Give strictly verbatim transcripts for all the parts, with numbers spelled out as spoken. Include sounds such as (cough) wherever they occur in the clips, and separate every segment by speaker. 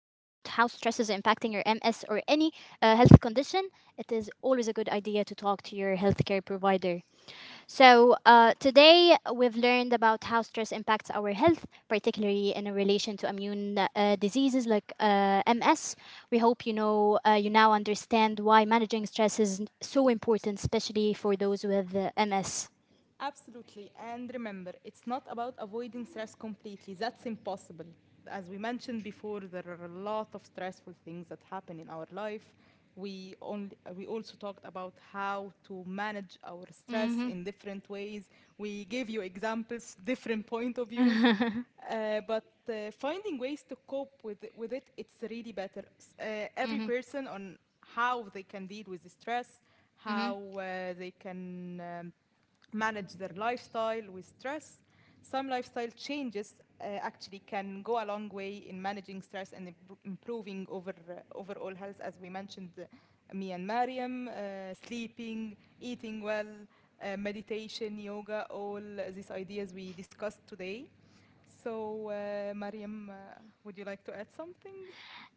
Speaker 1: how stress is impacting your M S or any uh, health condition, it is always a good idea to talk to your healthcare provider. So, uh, today we've learned about how stress impacts our health, particularly in a relation to immune uh, diseases like uh, M S. We hope you know uh, you now understand why managing stress is so important, especially for those with uh, M S.
Speaker 2: Absolutely. And remember, it's not about avoiding stress completely. That's impossible. As we mentioned before, there are a lot of stressful things that happen in our life. We only, we also talked about how to manage our stress
Speaker 1: Hmm.
Speaker 2: in different ways. We gave you examples, different point of views.
Speaker 1: Hmm.
Speaker 2: Uh, but uh, finding ways to cope with it, with it, it's really better. S- Uh, every
Speaker 1: Hmm.
Speaker 2: person on how they can deal with the stress, how
Speaker 1: (laughs)
Speaker 2: uh, they can um, manage their lifestyle with stress. Some lifestyle changes uh, actually can go a long way in managing stress and impro- improving over, uh, overall health, as we mentioned, uh, me and Mariam, uh, sleeping, eating well, uh, meditation, yoga, all these ideas we discussed today. So, uh, Mariam, uh, would you like to add something?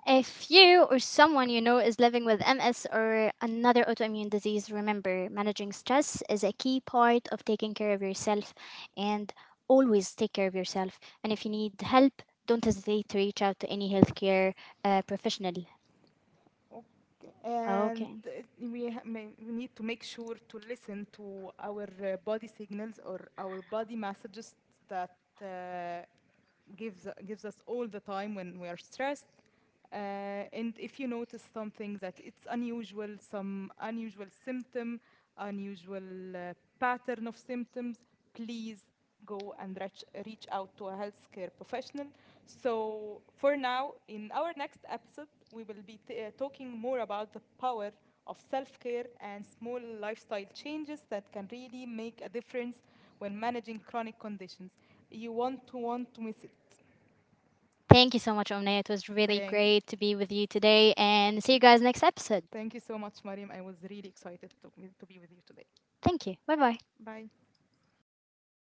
Speaker 1: If you or someone you know is living with M S or another autoimmune disease, remember managing stress is a key part of taking care of yourself and always take care of yourself. And if you need help, don't hesitate to reach out to any healthcare uh, professional.
Speaker 2: Okay. And
Speaker 1: Okay.
Speaker 2: uh, we, ha- may- we need to make sure to listen to our uh, body signals or our body messages that uh, gives gives us all the time when we are stressed. Uh, and if you notice something that it's unusual, some unusual symptom, unusual uh, pattern of symptoms, please go and reach, reach out to a healthcare professional. So, for now, in our next episode, we will be t- uh, talking more about the power of self care and small lifestyle changes that can really make a difference when managing chronic conditions. You won't want to miss it.
Speaker 1: Thank you so much, Omnia. It was really
Speaker 2: Thank,
Speaker 1: great to be with you today and see you guys next episode.
Speaker 2: thank you so much, Mariam. I was really excited to, to be with you today.
Speaker 1: Thank you. Bye bye.
Speaker 2: Bye.